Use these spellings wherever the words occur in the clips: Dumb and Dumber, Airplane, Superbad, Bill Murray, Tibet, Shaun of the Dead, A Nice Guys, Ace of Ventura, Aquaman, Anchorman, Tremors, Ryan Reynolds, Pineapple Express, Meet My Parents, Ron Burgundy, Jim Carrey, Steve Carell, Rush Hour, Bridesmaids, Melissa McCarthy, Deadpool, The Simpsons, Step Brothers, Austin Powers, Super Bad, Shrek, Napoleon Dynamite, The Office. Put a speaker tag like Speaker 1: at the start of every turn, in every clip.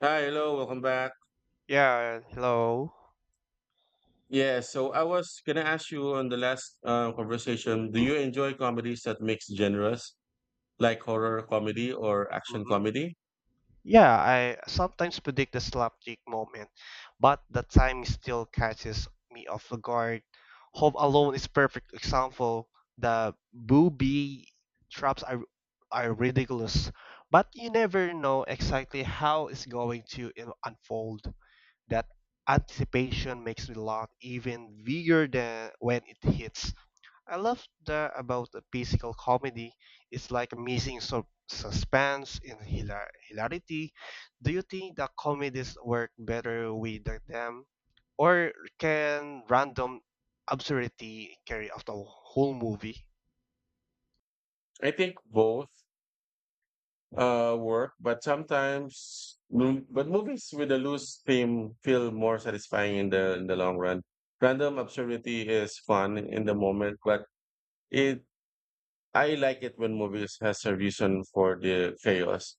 Speaker 1: Hi, hello, welcome back.
Speaker 2: Yeah, hello.
Speaker 1: Yeah, so I was gonna ask you on the last conversation, do you enjoy comedies that mix genres, like horror comedy or action
Speaker 2: hmm
Speaker 1: comedy?
Speaker 2: Yeah, I sometimes predict the slapstick moment, but the time still catches me off the guard. Home Alone is perfect example. The booby traps are ridiculous, but you never know exactly how it's going to unfold. That anticipation makes me laugh even bigger than when it hits. I love that about a physical comedy. It's like a missing suspense and hilarity. Do you think that comedies work better with them, or can random absurdity carry off the whole movie?
Speaker 1: I think both work, but but movies with a loose theme feel more satisfying in the long run. Random absurdity is fun in the moment, but it I like it when movies has a reason for the chaos.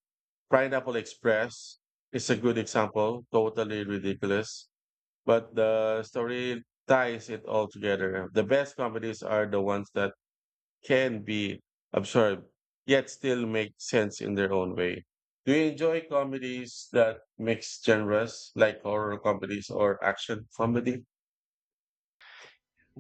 Speaker 1: Pineapple Express is a good example, totally ridiculous, but the story ties it all together. The best comedies are the ones that can be absorbed, yet still make sense in their own way. Do you enjoy comedies that mix genres, like horror comedies or action comedy?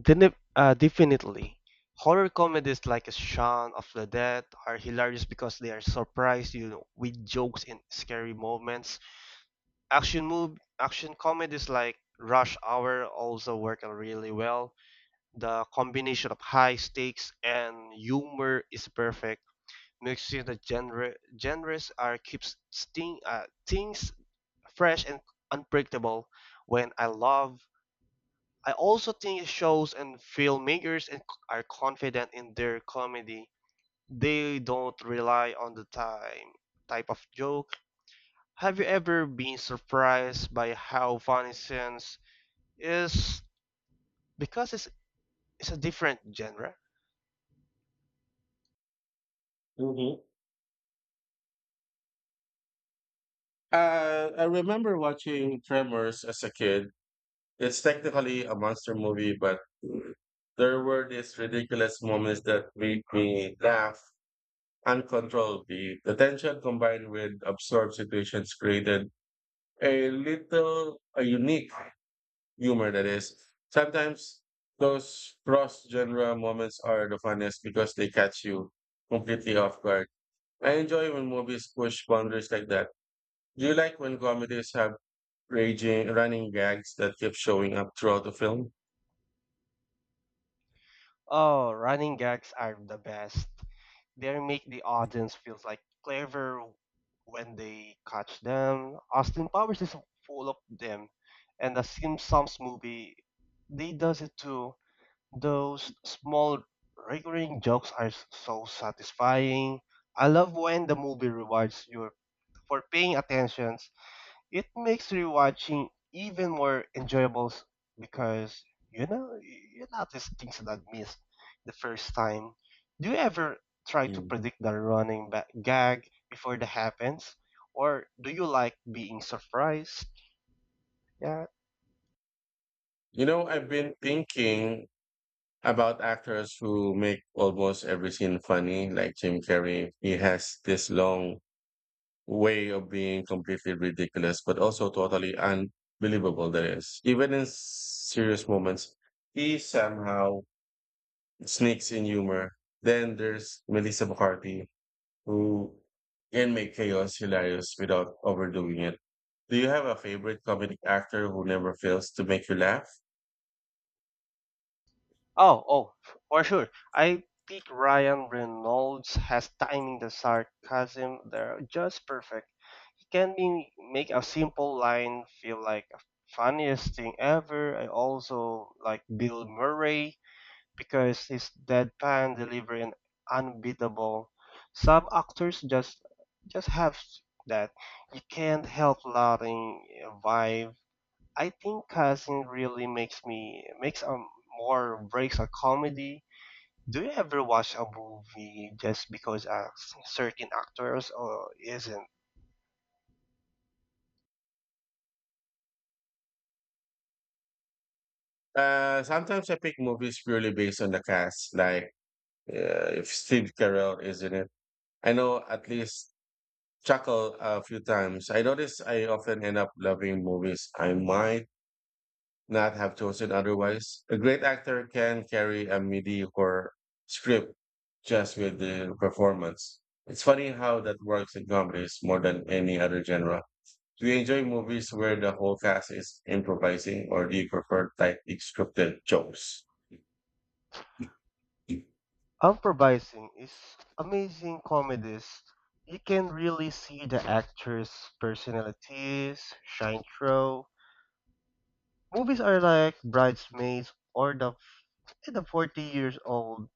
Speaker 2: Definitely. Horror comedies like Shaun of the Dead are hilarious because they are surprised you with jokes and scary moments. Action comedies like Rush Hour also work out really well. The combination of high stakes and humor is perfect, mixing the genres are keeps sting, things fresh and unpredictable. When I love, I also think shows and filmmakers and are confident in their comedy. They don't rely on the time type of joke. Have you ever been surprised by how funny scenes is because it's a different genre.
Speaker 1: hmm I remember watching Tremors as a kid. It's technically a monster movie, but there were these ridiculous moments that made me laugh uncontrollably. The tension combined with absurd situations created a unique humor that is. Sometimes those cross genre moments are the funniest because they catch you completely off guard. I enjoy when movies push boundaries like that. Do you like when comedies have raging, running gags that keep showing up throughout the film?
Speaker 2: Oh, running gags are the best. They make the audience feels like clever when they catch them. Austin Powers is full of them, and the Simpsons movie, they does it too. Those small recurring jokes are so satisfying. I love when the movie rewards you for paying attention it makes rewatching even more enjoyable because you know you notice things that missed the first time. Do you ever try to predict the running back gag before it happens, or do you like being surprised? Yeah.
Speaker 1: You know, I've been thinking about actors who make almost every scene funny, like Jim Carrey. He has this long way of being completely ridiculous, but also totally unbelievable, that is. Even in serious moments, he somehow sneaks in humor. Then there's Melissa McCarthy, who can make chaos hilarious without overdoing it. Do you have a favorite comedic actor who never fails to make you laugh?
Speaker 2: Oh, oh, for sure. I think Ryan Reynolds has timing the sarcasm there just perfect. He can be, make a simple line feel like a funniest thing ever. I also like Bill Murray because his deadpan delivery and unbeatable. Some actors just have that. You can't help loving vibe. I think Cousin really makes more breaks a comedy. Do you ever watch a movie just because a certain actors or isn't?
Speaker 1: Sometimes I pick movies purely based on the cast, like if Steve Carell is in it. I know at least chuckle a few times. I notice I often end up loving movies I might not have chosen otherwise. A great actor can carry a mediocre script just with the performance. It's funny how that works in comedies more than any other genre. Do you enjoy movies where the whole cast is improvising, or do you prefer tightly scripted jokes?
Speaker 2: Improvising is amazing comedies. You can really see the actors' personalities shine through. Movies are like Bridesmaids or the 40 years old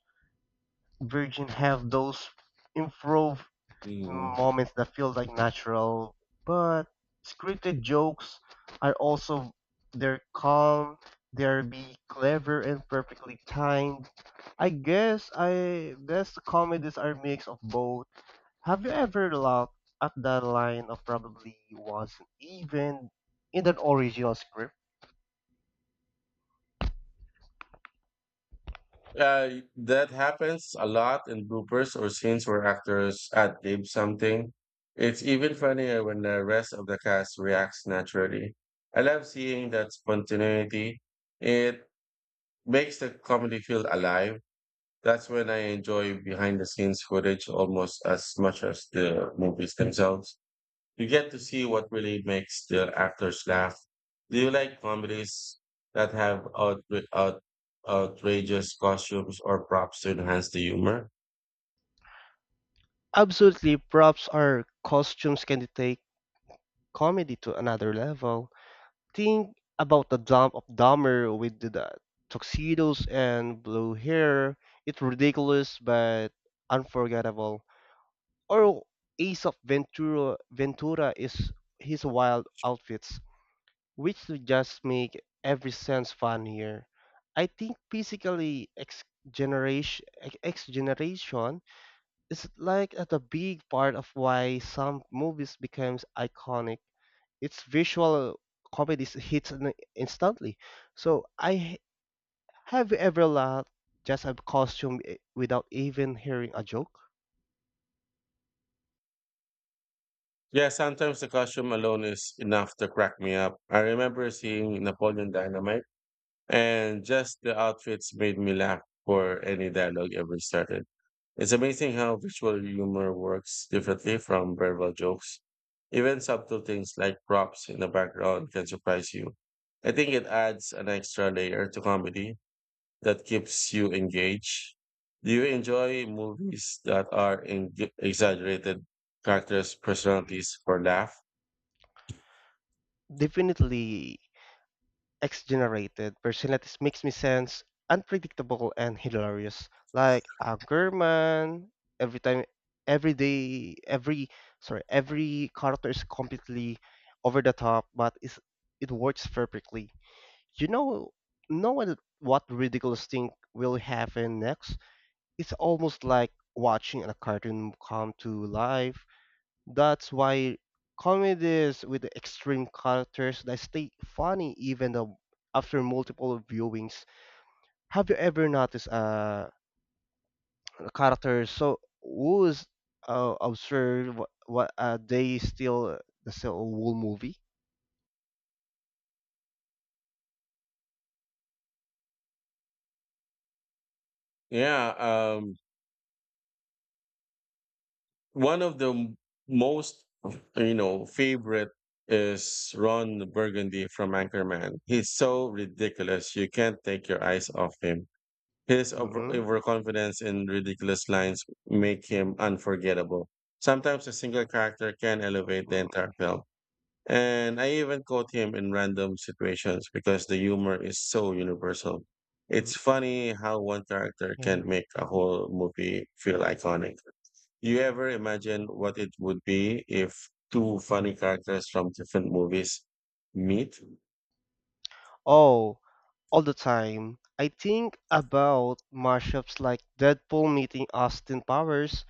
Speaker 2: virgin have those improv uh,
Speaker 1: Mm.
Speaker 2: moments that feel like natural, but scripted jokes are also they're calm, they're be clever and perfectly timed. I guess the comedies are mix of both. Have you ever laughed at that line of probably wasn't even in an original script?
Speaker 1: Uh, that happens a lot in bloopers or scenes where actors ad lib something. It's even funnier when the rest of the cast reacts naturally. I love seeing that spontaneity. It makes the comedy feel alive. That's when I enjoy behind the scenes footage almost as much as the movies themselves. You get to see what really makes the actors laugh. Do you like comedies that have outrageous costumes or props to enhance the humor?
Speaker 2: Absolutely, props or costumes can take comedy to another level. Think about the dump of Dahmer with the tuxedos and blue hair. It's ridiculous but unforgettable. Or Ace of Ventura, Ventura is his wild outfits, which just make every sense fun here. I think physically ex generation ex generation, it's like at a big part of why some movies becomes iconic. Its visual comedy hits instantly. So have you ever laughed just at costume without even hearing a joke?
Speaker 1: Yeah, sometimes the costume alone is enough to crack me up. I remember seeing Napoleon Dynamite, and just the outfits made me laugh before any dialogue ever started. It's amazing how visual humor works differently from verbal jokes. Even subtle things like props in the background can surprise you. I think it adds an extra layer to comedy that keeps you engaged. Do you enjoy movies that are eng exaggerated characters' personalities for laugh?
Speaker 2: Definitely, X-generated personalities makes me sense unpredictable and hilarious. Like Anchorman, every time, every day, every sorry, every character is completely over the top, but it works perfectly. You know what ridiculous thing will happen next? It's almost like watching a cartoon come to life. That's why comedies with extreme characters that stay funny even though after multiple viewings. Have you ever noticed a character so who's observed what, they still the whole movie?
Speaker 1: Yeah, um, One of the most you know favorite is Ron Burgundy from Anchorman. He's so ridiculous. You can't take your eyes off him. His overconfidence in ridiculous lines make him unforgettable. Sometimes a single character can elevate the
Speaker 2: Mm-mm.
Speaker 1: entire film. And I even quote him in random situations because the humor is so universal. It's funny how one character
Speaker 2: Yeah.
Speaker 1: can make a whole movie feel iconic. You ever imagine what it would be if two funny characters from different movies meet?
Speaker 2: Oh, all the time. I think about mashups like Deadpool meeting Austin Powers.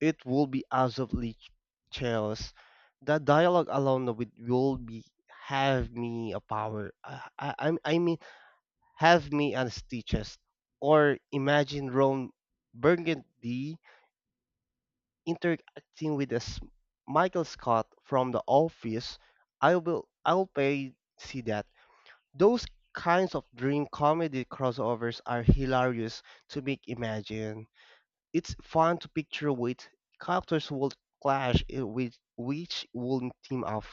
Speaker 2: It will be absolutely chaos. That dialogue alone of it will be have me a power. I mean, have me a stitches. Or imagine Ron Burgundy interacting with this Michael Scott from The Office. I will. I'll pay see that. Those kinds of dream comedy crossovers are hilarious to make imagine. It's fun to picture which characters will clash and which will team up.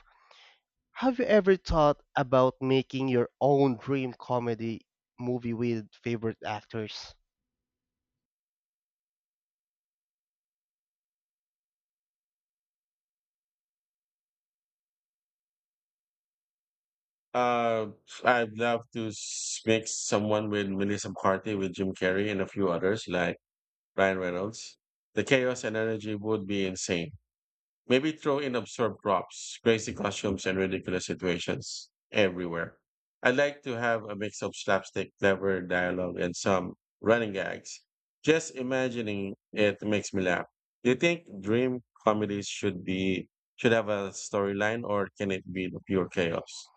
Speaker 2: Have you ever thought about making your own dream comedy movie with favorite actors?
Speaker 1: Uh, I'd love to mix someone with Melissa McCarthy with Jim Carrey and a few others like Ryan Reynolds. The chaos and energy would be insane. Maybe throw in absurd props, crazy costumes, and ridiculous situations everywhere. I'd like to have a mix of slapstick, clever dialogue, and some running gags. Just imagining it makes me laugh. Do you think dream comedies should have a storyline, or can it be the pure chaos?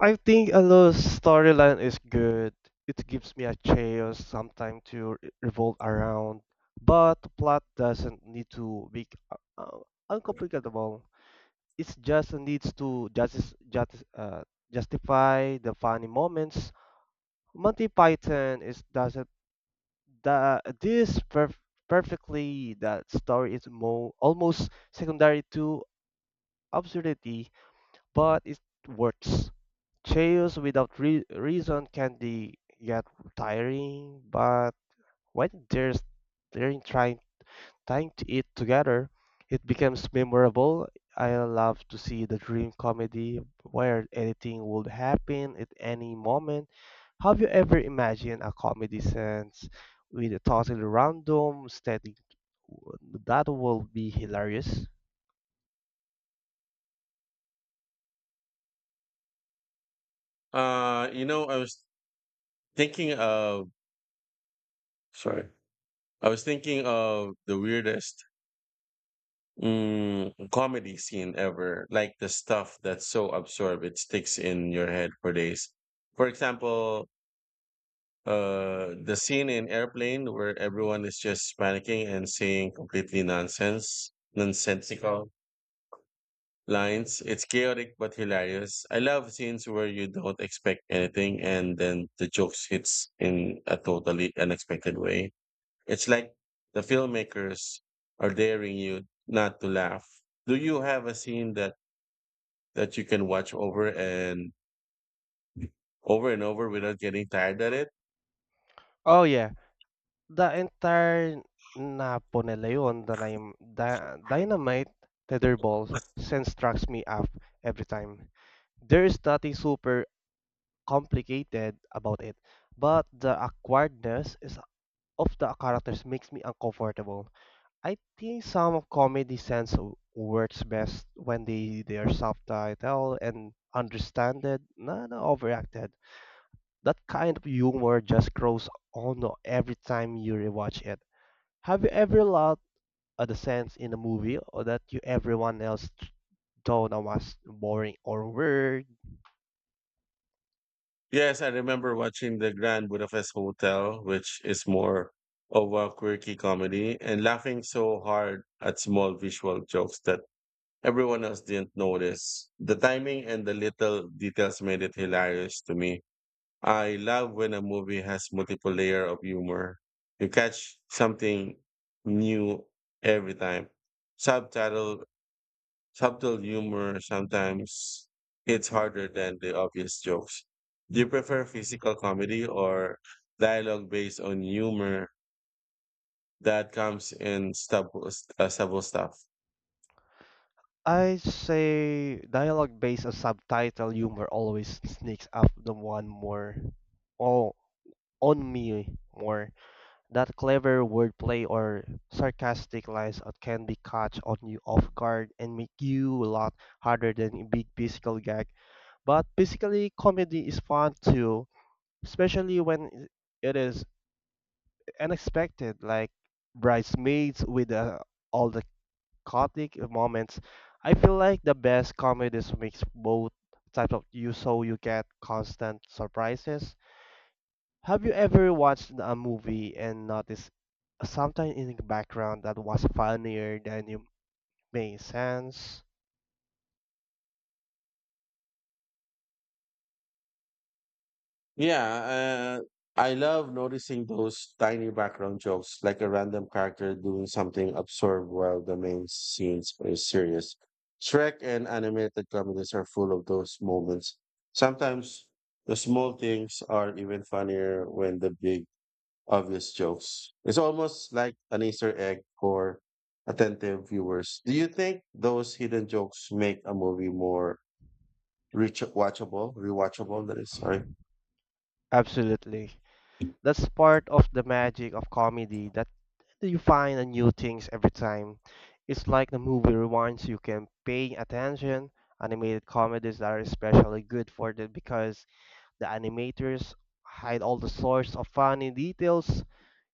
Speaker 2: I think a little storyline is good. It gives me a chaos sometime to revolve around, but the plot doesn't need to be uh, uncomplicated. It just needs to justify the funny moments. Monty Python is does it the this perfectly. That story is almost secondary to absurdity, but it works. Chaos without reason can be get tiring, but when there's they're trying time to eat together, it becomes memorable. I love to see the dream comedy where anything would happen at any moment. Have you ever imagined a comedy sense with a totally random setting that will be hilarious?
Speaker 1: You know, I was thinking of sorry, I was thinking of the weirdest comedy scene ever. Like the stuff that's so absurd, it sticks in your head for days. For example, the scene in Airplane where everyone is just panicking and saying completely nonsensical lines. It's chaotic but hilarious. I love scenes where you don't expect anything and then the jokes hits in a totally unexpected way. It's like the filmmakers are daring you not to laugh. Do you have a scene that you can watch over and over without getting tired at it.
Speaker 2: Oh yeah, the entire Napoleon Dynamite Tetherball sense tracks me up every time. There is nothing super complicated about it, but the awkwardness is of the characters makes me uncomfortable. I think some of comedy sense works best when they are subtitled and understood, not overacted. That kind of humor just grows on every time you rewatch it. Have you ever laughed at the sense in a movie or that you everyone else thought was boring or weird?
Speaker 1: Yes, I remember watching the Grand Budapest Hotel, which is more of a quirky comedy, and laughing so hard at small visual jokes that everyone else didn't notice. The timing and the little details made it hilarious to me. I love when a movie has multiple layer of humor. You catch something new every time. Subtitle Subtle humor sometimes hits harder than the obvious jokes. Do you prefer physical comedy or dialogue based on humor that comes in stubble stuff?
Speaker 2: I say dialogue based or subtitle humor always sneaks up the one more oh on me more. That clever wordplay or sarcastic lines that can be caught on you off guard and make you laugh harder than a big physical gag. But basically comedy is fun too, especially when it is unexpected like bridesmaids with all the chaotic moments. I feel like the best comedies mix both types of you so you get constant surprises. Have you ever watched a movie and noticed something in the background that was funnier than you made sense?
Speaker 1: Yeah, uh, I love noticing those tiny background jokes, like a random character doing something absurd while the main scenes is serious. Shrek and animated comedies are full of those moments. Sometimes the small things are even funnier when the big obvious jokes. It's almost like an Easter egg for attentive viewers. Do you think those hidden jokes make a movie more reach watchable, rewatchable? That is, sorry.
Speaker 2: Absolutely. That's part of the magic of comedy that you find a new things every time. It's like the movie rewinds you can pay attention. Animated comedies are especially good for that because the animators hide all the sorts of funny details.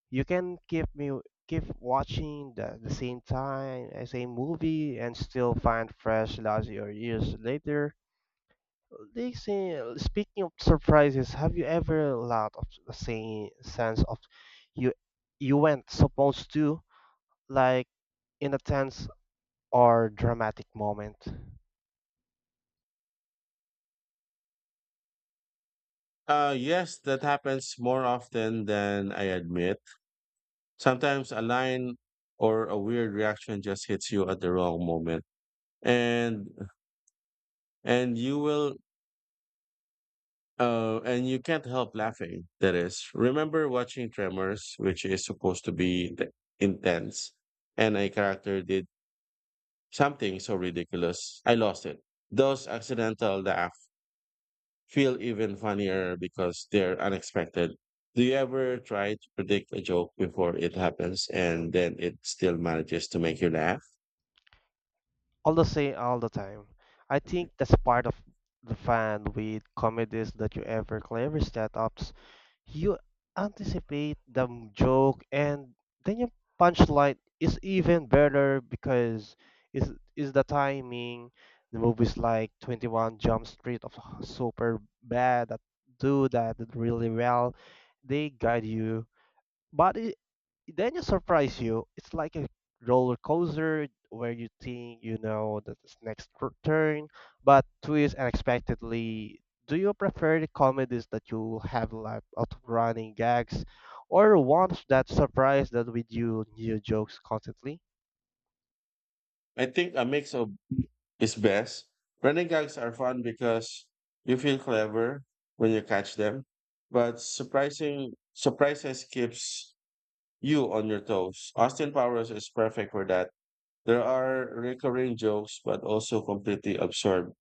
Speaker 2: You can keep watching the same time, same movie, and still find fresh laughs your years later. They say, speaking of surprises, have you ever laughed of the same sense of you you weren't supposed to, like in a tense or dramatic moment?
Speaker 1: Yes, that happens more often than I admit. Sometimes a line or a weird reaction just hits you at the wrong moment, and and you will Oh, and you can't help laughing. That is, remember watching Tremors, which is supposed to be intense, and a character did something so ridiculous. I lost it. Those accidental laughs feel even funnier because they're unexpected. Do you ever try to predict a joke before it happens and then it still manages to make you laugh?
Speaker 2: All the time. I
Speaker 1: Mhm.
Speaker 2: think that's part of the fun with comedies that you ever clever setups. You anticipate the joke and then your punchline is even better because is the timing. The movies like 21 Jump Street of super bad that do that really well. They guide you but it, then you surprise you. It's like a roller coaster where you think you know that this next turn, but twist unexpectedly. Do you prefer the comedies that you will have like out of running gags, or ones that surprise that with you new jokes constantly?
Speaker 1: I think a mix of is best. Running gags are fun because you feel clever when you catch them, but surprising surprises keeps you on your toes. Austin Powers is perfect for that. There are recurring jokes, but also completely absorbed.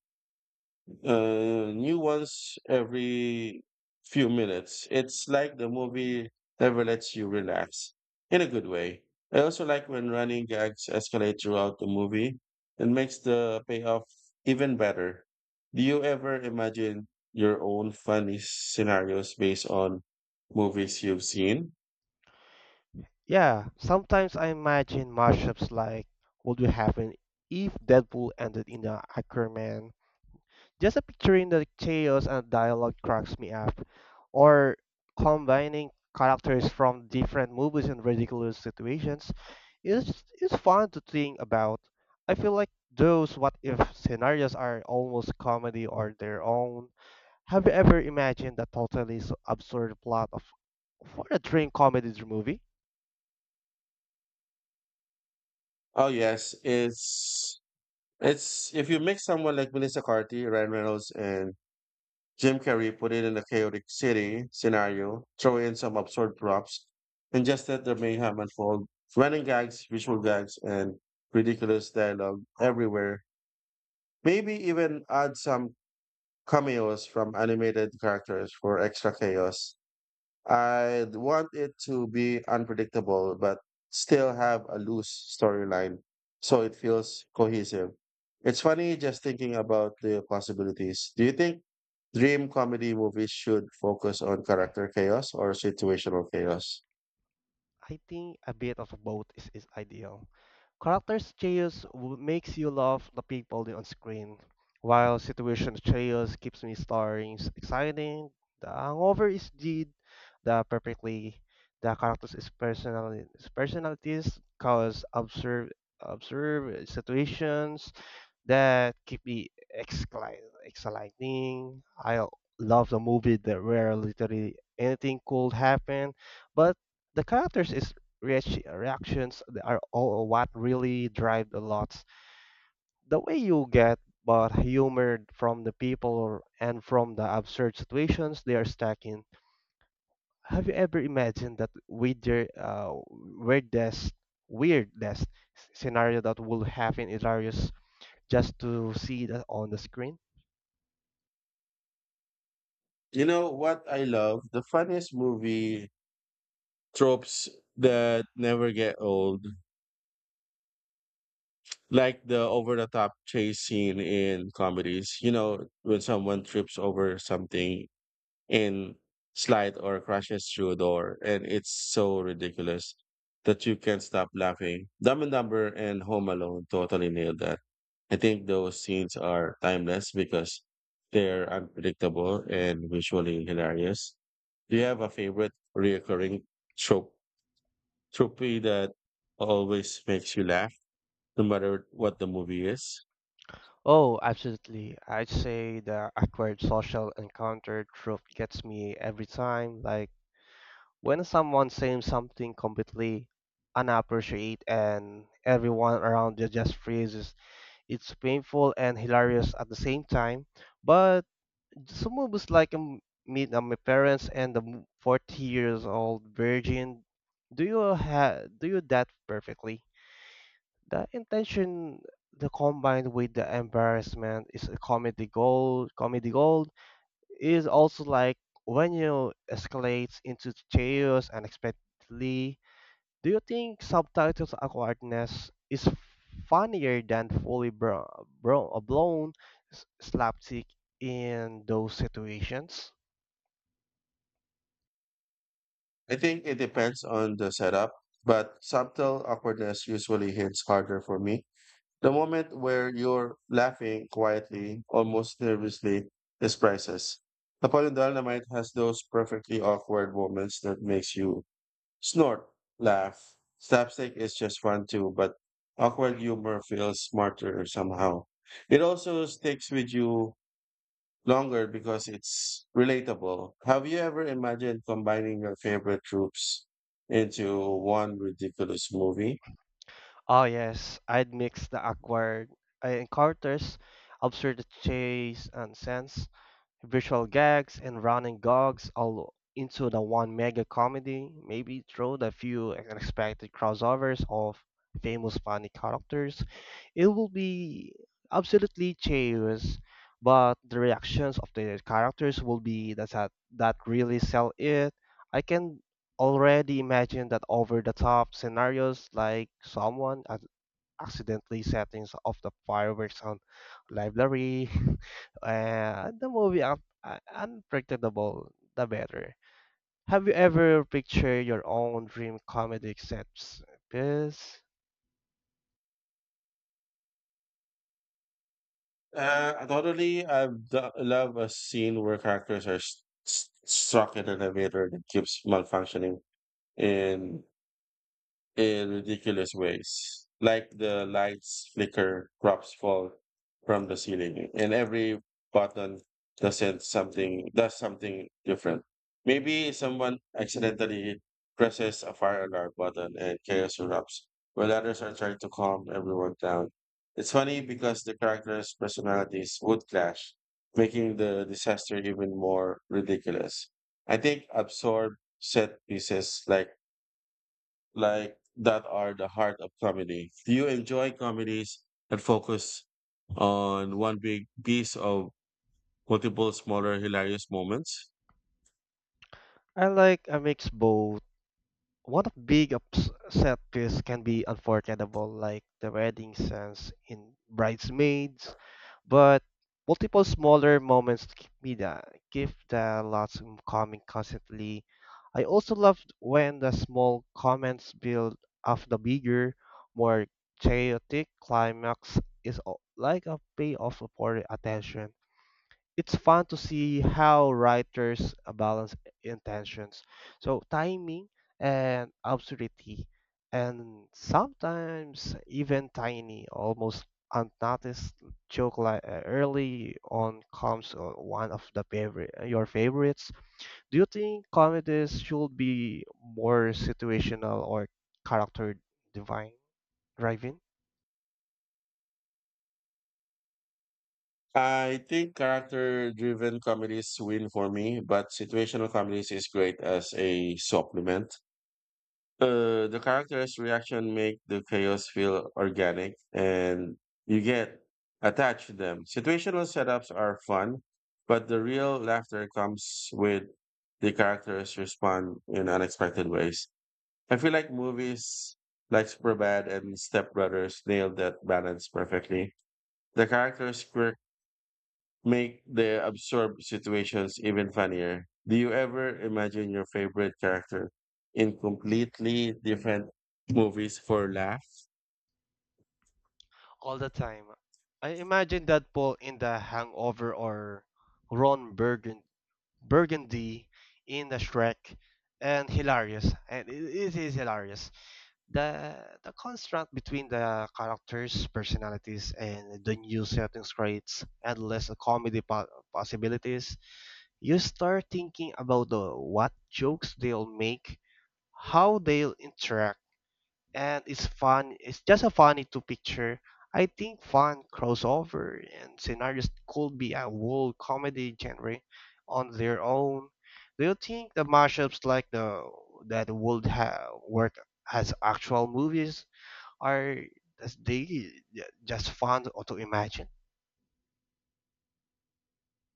Speaker 1: New ones every few minutes. It's like the movie never lets you relax in a good way. I also like when running gags escalate throughout the movie. It makes the payoff even better. Do you ever imagine your own funny scenarios based on movies you've seen?
Speaker 2: Yeah, sometimes I imagine mashups like what would happen if Deadpool ended in the Aquaman. Just a picturing the chaos and dialogue cracks me up. Or combining characters from different movies in ridiculous situations is fun to think about. I feel like those what if scenarios are almost comedy or their own. Have you ever imagined a totally absurd plot of for a dream comedy movie?
Speaker 1: Oh yes, it's if you mix someone like Melissa McCarthy, Ryan Reynolds, and Jim Carrey put it in a chaotic city scenario, throw in some absurd props, and just let the mayhem unfold. Running gags, visual gags, and ridiculous dialogue everywhere. Maybe even add some cameos from animated characters for extra chaos. I want it to be unpredictable, but still have a loose storyline so it feels cohesive. It's funny just thinking about the possibilities. Do you think dream comedy movies should focus on character chaos or situational chaos?
Speaker 2: I think a bit of both is ideal. Characters chaos makes you love the people on screen, while situation chaos keeps me stirring, exciting. The hangover is did the perfectly the characters is personalities cause observe situations that keep me exciting. I love the movie that where literally anything could happen, but the characters is reactions that are all what really drive the lots. The way you get but humor from the people and from the absurd situations they are stuck in. Have you ever imagined that uh, weirdest, weirdest scenario that will happen in Darius just to see that on the screen?
Speaker 1: You know what I love? The funniest movie tropes that never get old, like the over the top chase scene in comedies. You know, when someone trips over something in slide or crashes through a door and it's so ridiculous that you can't stop laughing. Dumb and Dumber and Home Alone totally nailed that. I think those scenes are timeless because they're unpredictable and visually hilarious. Do you have a favorite reoccurring trope trope that always makes you laugh no matter what the movie is?
Speaker 2: Oh, absolutely. I'd say the awkward social encounter trope gets me every time. Like when someone says something completely unappreciated and everyone around you just freezes. It's painful and hilarious at the same time. But some movies like Meet My Parents and the 40 years old virgin do you ha do you that perfectly? The intention, the combined with the embarrassment, is a comedy gold. Comedy gold is also like when you escalate into chaos unexpectedly. Do you think subtitles awkwardness is funnier than fully blown slapstick in those situations?
Speaker 1: I think it depends on the setup, but subtle awkwardness usually hits harder for me. The moment where you're laughing quietly, almost nervously, is priceless. Napoleon Dynamite has those perfectly awkward moments that makes you snort, laugh. Slapstick is just fun too, but awkward humor feels smarter somehow. It also sticks with you longer because it's relatable. Have you ever imagined combining your favorite troops into one ridiculous movie?
Speaker 2: Oh yes, I'd mix the awkward encounters, absurd chase and sense visual gags and running gags all into the one mega comedy, maybe throw the few unexpected crossovers of famous funny characters. It will be absolutely chaos, but the reactions of the characters will be that really sell it. I can already imagine that over the top scenarios like someone at accidentally settings of the fireworks on library. The movie unpredictable, the better. Have you ever pictured your own dream comedy sets? Because
Speaker 1: I totally. I love a scene where characters are stuck in an elevator that keeps malfunctioning, and in ridiculous ways. Like the lights flicker, props fall from the ceiling, and every button doesn't something does something different. Maybe someone accidentally presses a fire alarm button and chaos erupts, while others are trying to calm everyone down. It's funny because the characters' personalities would clash, making the disaster even more ridiculous. I think absurd set pieces like that are the heart of comedy. You enjoy comedies that focus on one big piece of multiple smaller hilarious moments.
Speaker 2: I like a mix both. One of big upset piece can be unforgettable, like the wedding scenes in Bridesmaids, but multiple smaller moments keep me the give the lots of coming constantly. I also loved when the small comments build off the bigger, more chaotic climax is like a payoff for attention. It's fun to see how writers balance intentions. So timing and absurdity, and sometimes even tiny, almost unnoticed joke like early on comes one of the favorite your favorites. Do you think comedies should be more situational or character divine driving
Speaker 1: I think character driven comedies win for me, but situational comedies is great as a supplement. The character's reaction make the chaos feel organic and you get attached to them. Situational setups are fun, but the real laughter comes with the characters respond in unexpected ways. I feel like movies like Superbad and Step Brothers nailed that balance perfectly. The characters' quirks make the absurd situations even funnier. Do you ever imagine your favorite character in completely different movies for laughs?
Speaker 2: all the time? I imagine that Paul in The Hangover or Ron Burgundy in the Shrek and hilarious and it is hilarious, the contrast between the characters personalities and the new settings creates endless comedy possibilities. You start thinking about the what jokes they'll make, how they'll interact, and it's fun. It's just a funny to picture. I think fun crossover and scenarios could be a whole comedy genre on their own. Do you think the mashups like the that would have work as actual movies, or as they just fun or to imagine?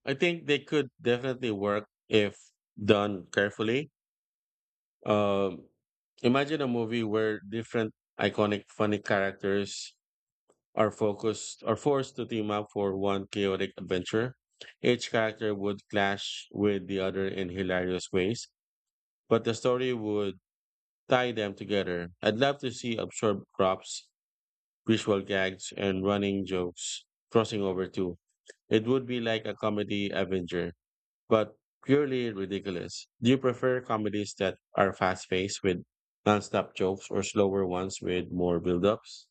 Speaker 1: I think they could definitely work if done carefully. Um, imagine a movie where different iconic funny characters are forced to team up for one chaotic adventure. Each character would clash with the other in hilarious ways, but the story would tie them together. I'd love to see absurd props, visual gags, and running jokes crossing over too. It would be like a comedy Avenger, but purely ridiculous. Do you prefer comedies that are fast paced with nonstop jokes or slower ones with more build ups?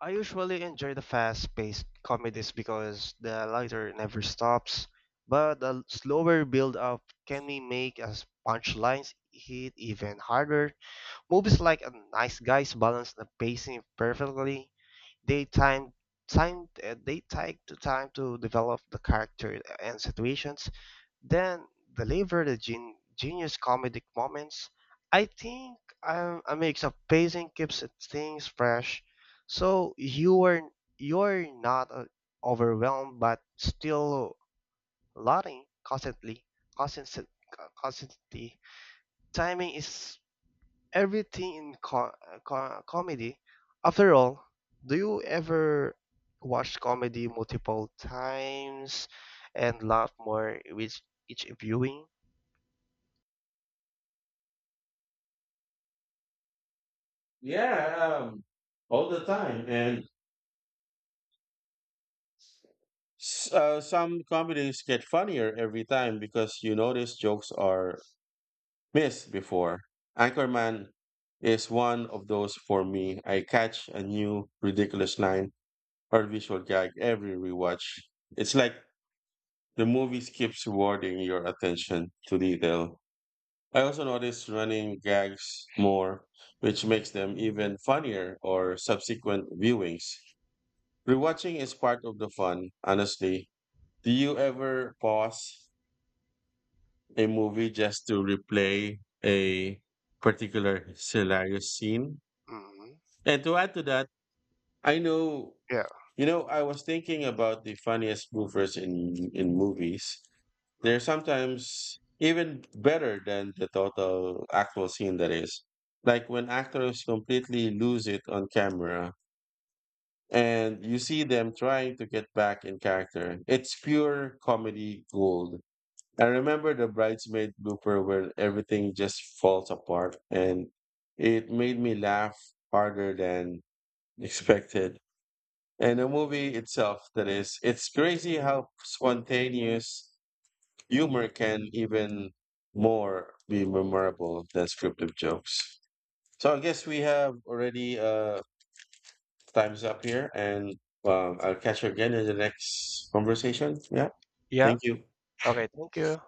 Speaker 2: I usually enjoy the fast-paced comedies because the lighter never stops, but the slower build-up can be make as punchlines hit even harder. Movies like a Nice Guys balance the pacing perfectly, they time they take the time to develop the character and situations, then deliver the genius comedic moments. I think a mix of pacing keeps things fresh, so you're not overwhelmed but still laughing constant, constantly. Timing is everything in comedy. After all, do you ever watch comedy multiple times and laugh more with each viewing?
Speaker 1: Yeah, um, all the time. And some comedies get funnier every time because you notice jokes are missed before. Anchorman is one of those for me. I catch a new ridiculous line or visual gag every rewatch. It's like the movie keeps rewarding your attention to detail. I also notice running gags more, which makes them even funnier or subsequent viewings. Rewatching is part of the fun, honestly. Do you ever pause a movie just to replay a particular hilarious scene?
Speaker 2: hmm
Speaker 1: And to add to that, I know,
Speaker 2: Yeah.
Speaker 1: you know, I was thinking about the funniest goofers in movies. They're
Speaker 2: mm.
Speaker 1: sometimes even better than the total actual scene that is. Like when actors completely lose it on camera and you see them trying to get back in character. It's pure comedy gold. I remember the bridesmaid blooper where everything just falls apart and it made me laugh harder than expected. And the movie itself, that is, it's crazy how spontaneous humor can even more be memorable than scripted jokes. So I guess we have already time's up here and I'll catch you again in the next conversation. Yeah.
Speaker 2: Yeah.
Speaker 1: Thank you.
Speaker 2: Okay. Thank you.